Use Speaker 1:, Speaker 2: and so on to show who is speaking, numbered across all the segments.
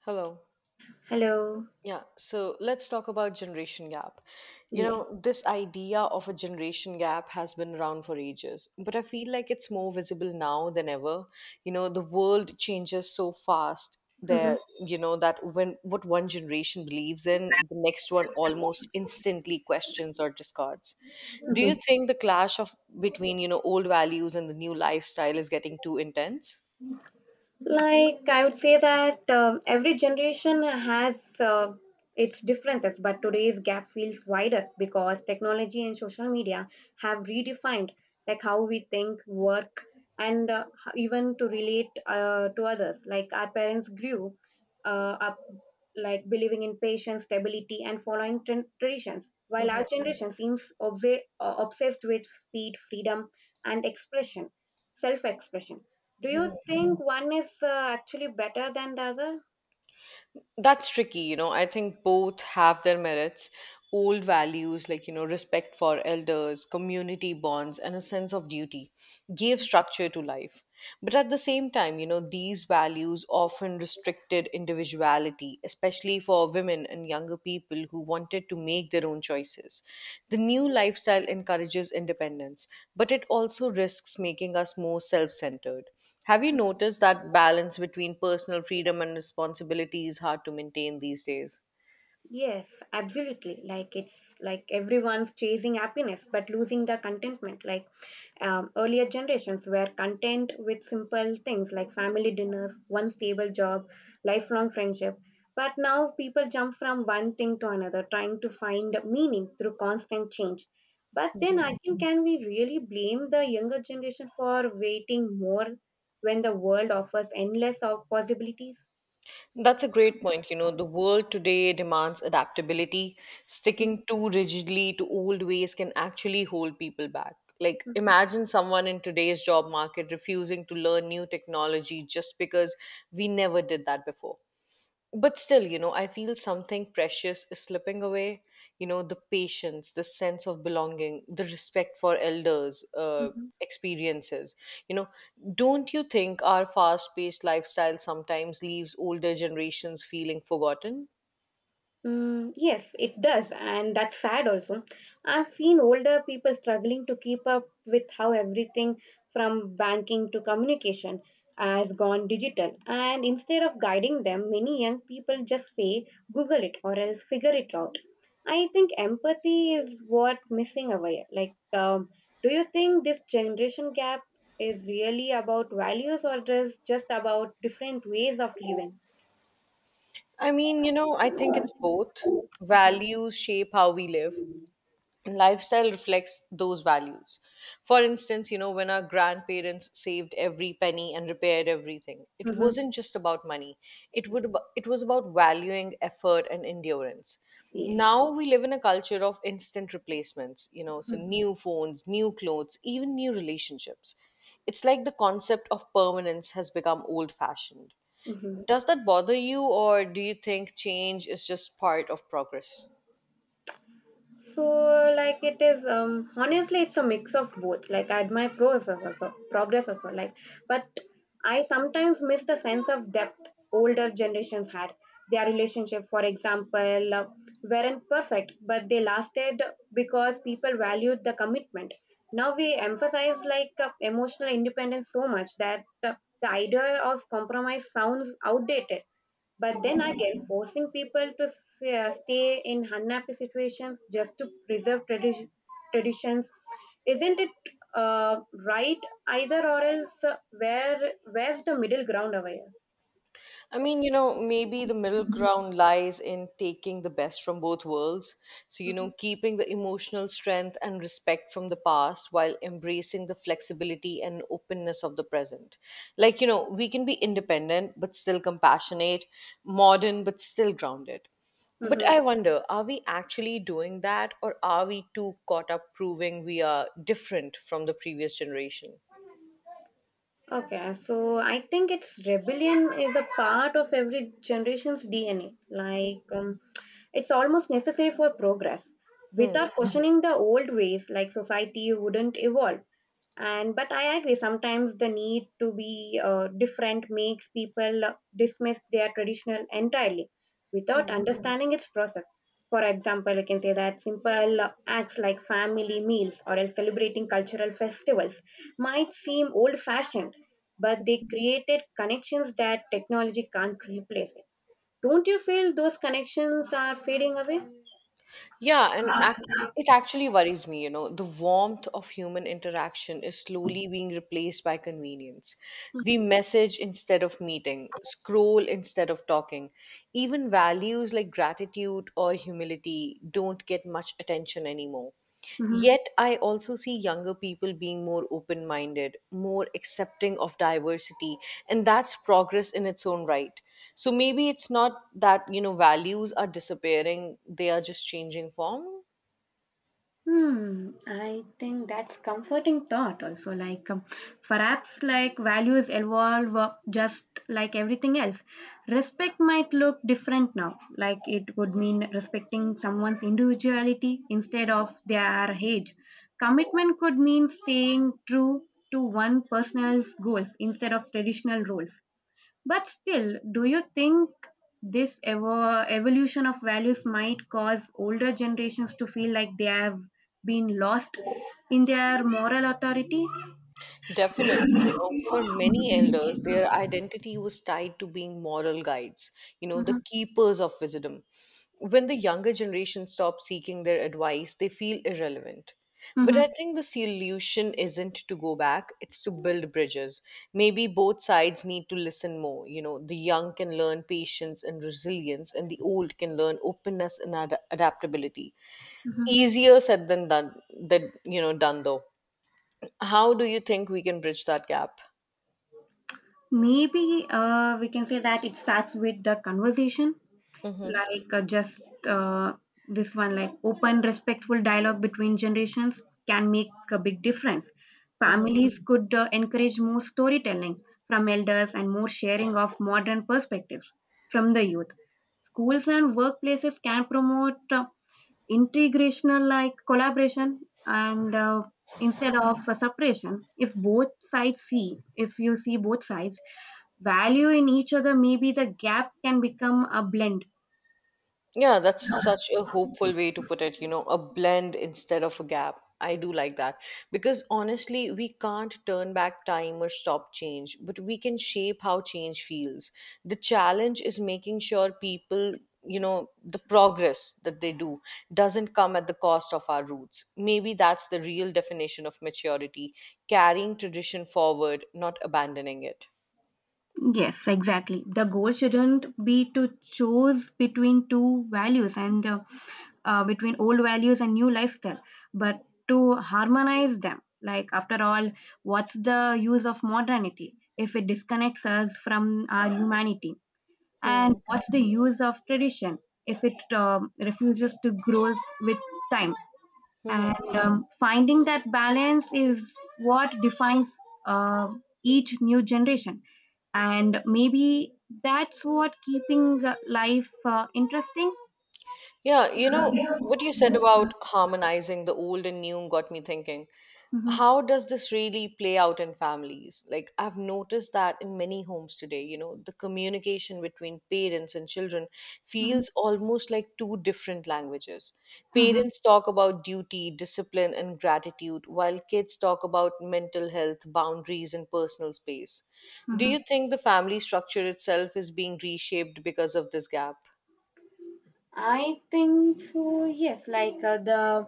Speaker 1: Hello.
Speaker 2: Hello.
Speaker 1: Yeah, so let's talk about generation gap. You
Speaker 2: Yes.
Speaker 1: know, this idea of a generation gap has been around for ages, but I feel like it's more visible now than ever. You know, the world changes so fast
Speaker 2: Mm-hmm.
Speaker 1: that, you know, that when what one generation believes in, the next one almost instantly questions or discards. Do
Speaker 2: Mm-hmm.
Speaker 1: you think the clash of between, you know, old values and the new lifestyle is getting too intense?
Speaker 2: I would say that every generation has its differences, but today's gap feels wider because technology and social media have redefined how we think, work, and even to relate to others. Like our parents grew up like believing in patience, stability, and following traditions, while our generation seems obsessed with speed, freedom, and expression, self-expression. Do you think one is actually better than the other?
Speaker 1: That's tricky, you know. I think both have their merits. Old values like, you know, respect for elders, community bonds, and a sense of duty gave structure to life. But at the same time, you know, these values often restricted individuality, especially for women and younger people who wanted to make their own choices. The new lifestyle encourages independence, but it also risks making us more self centered. Have you noticed that balance between personal freedom and responsibility is hard to maintain these days?
Speaker 2: Yes, absolutely. Like it's like everyone's chasing happiness but losing the contentment. Earlier generations were content with simple things like family dinners, one stable job, lifelong friendship. But now people jump from one thing to another, trying to find meaning through constant change. But then again, can we really blame the younger generation for waiting more when the world offers endless of possibilities?
Speaker 1: That's a great point. You know, the world today demands adaptability.
Speaker 2: Mhm,
Speaker 1: Sticking too rigidly to old ways can actually hold people back. Like, imagine someone in today's job market refusing to learn new technology just because we never did that before. But still, you know, I feel something precious is slipping away. You know, the patience, the sense of belonging, the respect for elders,
Speaker 2: mhm.
Speaker 1: experiences, you know. Don't you think our fast paced lifestyle sometimes leaves older generations feeling forgotten?
Speaker 2: Mm, yes, it does, and that's sad also. I've seen older people struggling to keep up with how everything from banking to communication has gone digital. And instead of guiding them, many young people just say, Google it or else figure it out. I think empathy is what missing away. Do you think this generation gap is really about values or is just about different ways of living?
Speaker 1: I mean, you know, I think it's both.
Speaker 2: Mm-hmm.
Speaker 1: Values shape how we live, lifestyle reflects those values. For instance, you know, when our grandparents saved every penny and repaired everything, it
Speaker 2: Mm-hmm.
Speaker 1: wasn't just about money. It was about valuing effort and endurance.
Speaker 2: Yes.
Speaker 1: Now we live in a culture of instant replacements, you know, so
Speaker 2: Mm-hmm.
Speaker 1: new phones, new clothes, even new relationships. It's like the concept of permanence has become old fashioned.
Speaker 2: Mm-hmm.
Speaker 1: Does that bother you or do you think change is just part of progress?
Speaker 2: So, it is, honestly, it's a mix of both. Like I admire progress also, progress also. But I sometimes miss the sense of depth older generations had. Their relationship, for example, weren't perfect, but they lasted because people valued the commitment. Now we emphasize emotional independence so much that the idea of compromise sounds outdated. But then again, forcing people to stay in unhappy situations just to preserve traditions, isn't it right either, or else where's the middle ground over here?
Speaker 1: I mean, you know, maybe the middle ground lies in taking the best from both worlds. So, you know,
Speaker 2: Mhm.
Speaker 1: keeping the emotional strength and respect from the past while embracing the flexibility and openness of the present. Like, you know, we can be independent but still compassionate, modern but still grounded. But
Speaker 2: Mhm.
Speaker 1: I wonder, are we actually doing that or are we too caught up proving we are different from the previous generation?
Speaker 2: Okay, so I think it's rebellion is a part of every generation's DNA. It's almost necessary for progress.
Speaker 1: Hmm.
Speaker 2: Without questioning the old ways, society wouldn't evolve. And but I agree, sometimes the need to be different makes people dismiss their traditional entirely without understanding its process. For example, you can say that simple acts like family meals or else celebrating cultural festivals might seem old fashioned, but they created connections that technology can't replace it. Don't you feel those connections are fading away?
Speaker 1: Yeah, it actually worries me, you know. The warmth of human interaction is slowly being replaced by convenience. We message instead of meeting, scroll instead of talking. Even values like gratitude or humility don't get much attention anymore.
Speaker 2: Mhm.
Speaker 1: Yet, I also see younger people being more open minded, more accepting of diversity, and that's progress in its own right. So maybe it's not that, you know, values are disappearing, they are just changing form.
Speaker 2: Hmm, I think that's comforting thought also perhaps values evolve just like everything else. Respect might look different now. Like it would mean respecting someone's individuality instead of their age. Commitment could mean staying true to one person's goals instead of traditional roles. But still, do you think this evolution of values might cause older generations to feel like they have been lost in their moral authority?
Speaker 1: Definitely, you know, for many elders, their identity was tied to being moral guides, you know, the
Speaker 2: Hmm.
Speaker 1: keepers of wisdom. When the younger generation stop seeking their advice, they feel irrelevant. But I
Speaker 2: Hmm.
Speaker 1: think the solution isn't to go back, it's to build bridges. Maybe both sides need to listen more. You know, the young can learn patience and resilience, and the old can learn openness and adaptability. Easier said than done, you know, done though. How do you think we can bridge that gap?
Speaker 2: Maybe we can say that it starts with the conversation.
Speaker 1: Hmm.
Speaker 2: Like just uh, this one, like, open respectful dialogue between generations can make a big difference.
Speaker 1: Hmm.
Speaker 2: Families could encourage more storytelling from elders and more sharing of modern perspectives from the youth. Schools and workplaces can promote integrational collaboration and instead of separation. If you see both sides value in each other, maybe the gap can become a blend.
Speaker 1: Yeah, that's such a hopeful way to put it, you know, a blend instead of a gap. I do like that because honestly, we can't turn back time or stop change, but we can shape how change feels. The challenge is making sure people, you know, the progress that they do doesn't come at the cost of our roots. Maybe that's the real definition of maturity, carrying tradition forward, not abandoning it.
Speaker 2: Yes, exactly. The goal shouldn't be to choose between two values and between old values and new lifestyle, but to harmonize them. Like, after all, what's the use of modernity if it disconnects us from our humanity? And
Speaker 1: Hmm.
Speaker 2: what's the use of tradition if it refuses to grow with time? And Finding that balance is what defines uh, each new generation, and maybe that's what keeping life interesting.
Speaker 1: Yeah, you know, what you said about harmonizing the old and new got me thinking.
Speaker 2: Hmm.
Speaker 1: How does this really play out in families? Like, I've noticed that in many homes today, you know, the communication between parents and children feels
Speaker 2: Hmm.
Speaker 1: almost like two different languages.
Speaker 2: Hmm.
Speaker 1: Parents talk about duty, discipline, and gratitude, while kids talk about mental health, boundaries, and personal space. Do
Speaker 2: Hmm.
Speaker 1: you think the family structure itself is being reshaped because of this gap?
Speaker 2: I think so, yes. The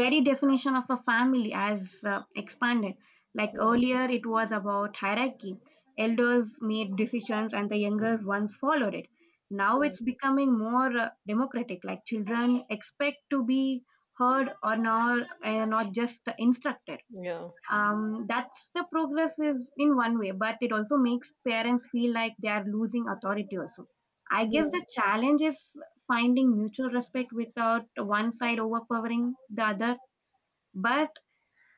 Speaker 2: very definition of a family has expanded. Like
Speaker 1: Mm,
Speaker 2: earlier, it was about hierarchy. Elders made decisions and the younger ones followed it. Now
Speaker 1: mm.
Speaker 2: it's becoming more democratic. Like children expect to be heard, or not, not just instructed.
Speaker 1: Yeah.
Speaker 2: That's the progress is in one way, but it also makes parents feel like they are losing authority. Also, I guess the challenge is finding mutual respect without one side overpowering the other. But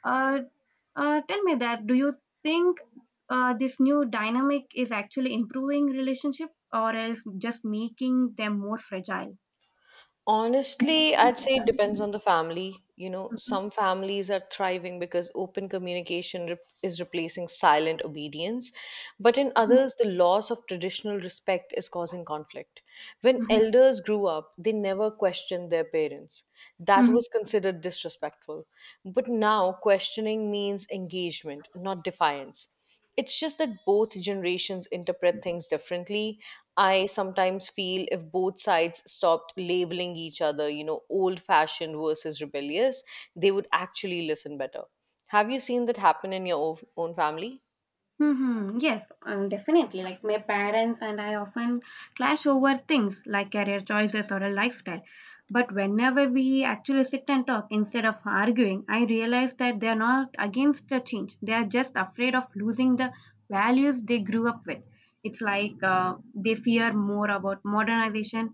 Speaker 2: uh, Tell me that, do you think this new dynamic is actually improving relationship or is just making them more fragile?
Speaker 1: Honestly, I'd say it depends on the family. You know,
Speaker 2: Mhm.
Speaker 1: some families are thriving because open communication is replacing silent obedience. But in others, the loss of traditional respect is causing conflict. When elders grew up, they never questioned their parents. That
Speaker 2: Mhm.
Speaker 1: was considered disrespectful. But now, questioning means engagement, not defiance. It's just that both generations interpret things differently. I sometimes feel if both sides stopped labeling each other, you know, old fashioned versus rebellious, they would actually listen better. Have you seen that happen in your own family?
Speaker 2: Mm-hmm. Yes, definitely. Like my parents and I often clash over things like career choices or a lifestyle. But whenever we actually sit and talk instead of arguing, I realize that they are not against the change. They are just afraid of losing the values they grew up with. It's like they fear more about modernization,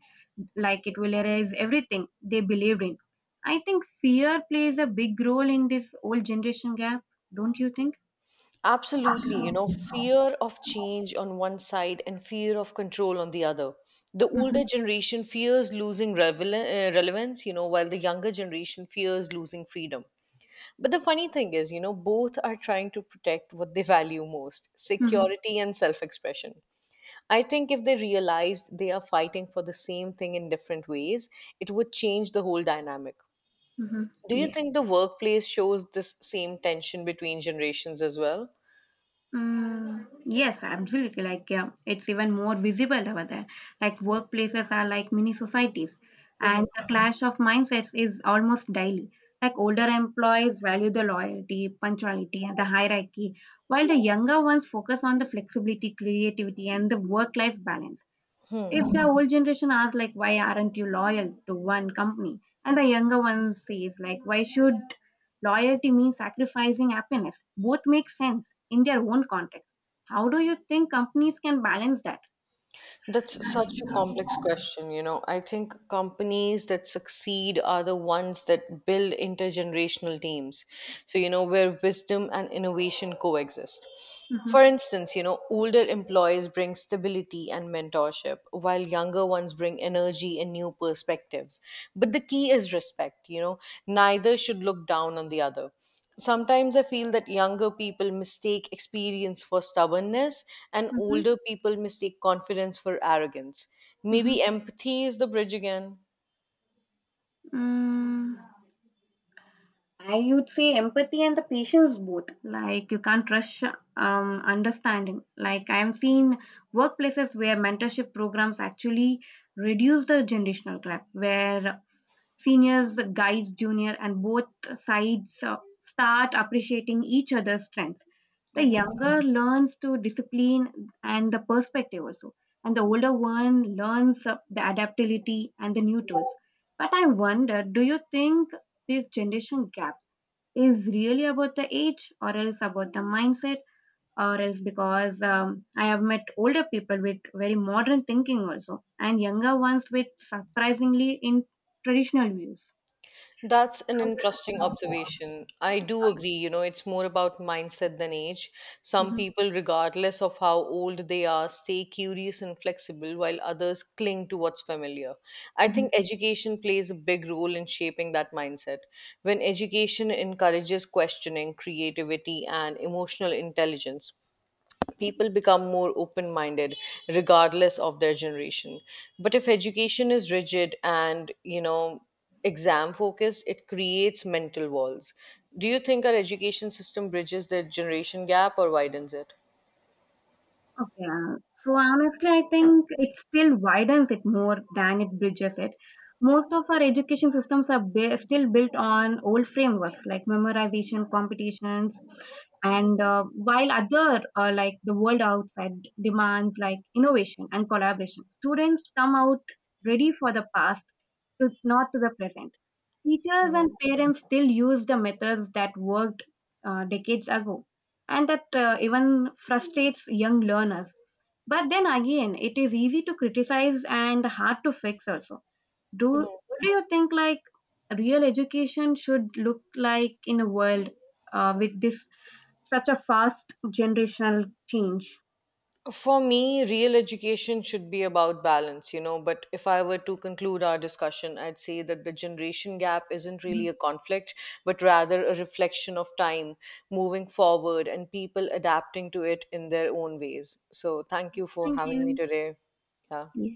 Speaker 2: like it will erase everything they believed in. I think fear plays a big role in this old generation gap, don't you think?
Speaker 1: Absolutely, you know, fear of change on one side and fear of control on the other. The
Speaker 2: Mm-hmm.
Speaker 1: older generation fears losing relevance, you know, while the younger generation fears losing freedom. But the funny thing is, you know, both are trying to protect what they value most, security and self expression. I think if they realized they are fighting for the same thing in different ways, it would change the whole dynamic.
Speaker 2: Mhm.
Speaker 1: Do you
Speaker 2: Yeah.
Speaker 1: think the workplace shows this same tension between generations as well?
Speaker 2: Mm, yes, absolutely. Like, yeah, it's even more visible over there. Like workplaces are like mini societies, and the clash of mindsets is almost daily. Like older employees value the loyalty, punctuality, and the hierarchy, while the younger ones focus on the flexibility, creativity, and the work-life balance. If the old generation asks like why aren't you loyal to one company, and the younger one says like why should loyalty mean sacrificing happiness? Both make sense in their own context. How do you think companies can balance that?
Speaker 1: That's such a complex question, you know. I think companies that succeed are the ones that build intergenerational teams. So, you know, where wisdom and innovation coexist. For
Speaker 2: Mhm,
Speaker 1: instance, you know, older employees bring stability and mentorship, while younger ones bring energy and new perspectives. But the key is respect, you know, neither should look down on the other. Sometimes I feel that younger people mistake experience for stubbornness and
Speaker 2: mhm,
Speaker 1: older people mistake confidence for arrogance.
Speaker 2: mhm.
Speaker 1: Maybe empathy is the bridge again.
Speaker 2: Mm, I would say empathy and the patience both. Like you can't rush understanding. Like I am seeing workplaces where mentorship programs actually reduce the generational gap, where seniors guides junior and both sides start appreciating each other's strengths. The
Speaker 1: Mm-hmm.
Speaker 2: younger learns to discipline and the perspective also, and the older one learns the adaptability and the new tools. But I wonder, do you think this generation gap is really about the age or else about the mindset, or else because I have met older people with very modern thinking also and younger ones with surprisingly in traditional views.
Speaker 1: That's an interesting observation. I do agree, you know, it's more about mindset than age. Some
Speaker 2: Mhm,
Speaker 1: people, regardless of how old they are, stay curious and flexible while others cling to what's familiar. I think
Speaker 2: mhm.
Speaker 1: education plays a big role in shaping that mindset. When education encourages questioning, creativity, and emotional intelligence, people become more open minded regardless of their generation. But if education is rigid and, you know, exam focused, it creates mental walls. Do you think our education system bridges the generation gap or widens it?
Speaker 2: Okay. So honestly, I think it still widens it more than it bridges it. Most of our education systems are still built on old frameworks like memorization competitions, and while other like the world outside demands like innovation and collaboration, students come out ready for the past, to, not to the present. Teachers and parents still use the methods that worked decades ago, and that even frustrates young learners. But then again, it is easy to criticize and hard to fix also. Do what do you think like real education should look like in a world with this such a fast generational change?
Speaker 1: For me, real education should be about balance, you know. But if I were to conclude our discussion, I'd say that the generation gap isn't
Speaker 2: Mhm.
Speaker 1: really a conflict, but rather a reflection of time moving forward and people adapting to it in their own ways. So, thank you for
Speaker 2: Thank
Speaker 1: having me
Speaker 2: you.
Speaker 1: today. Yeah.
Speaker 2: Yeah.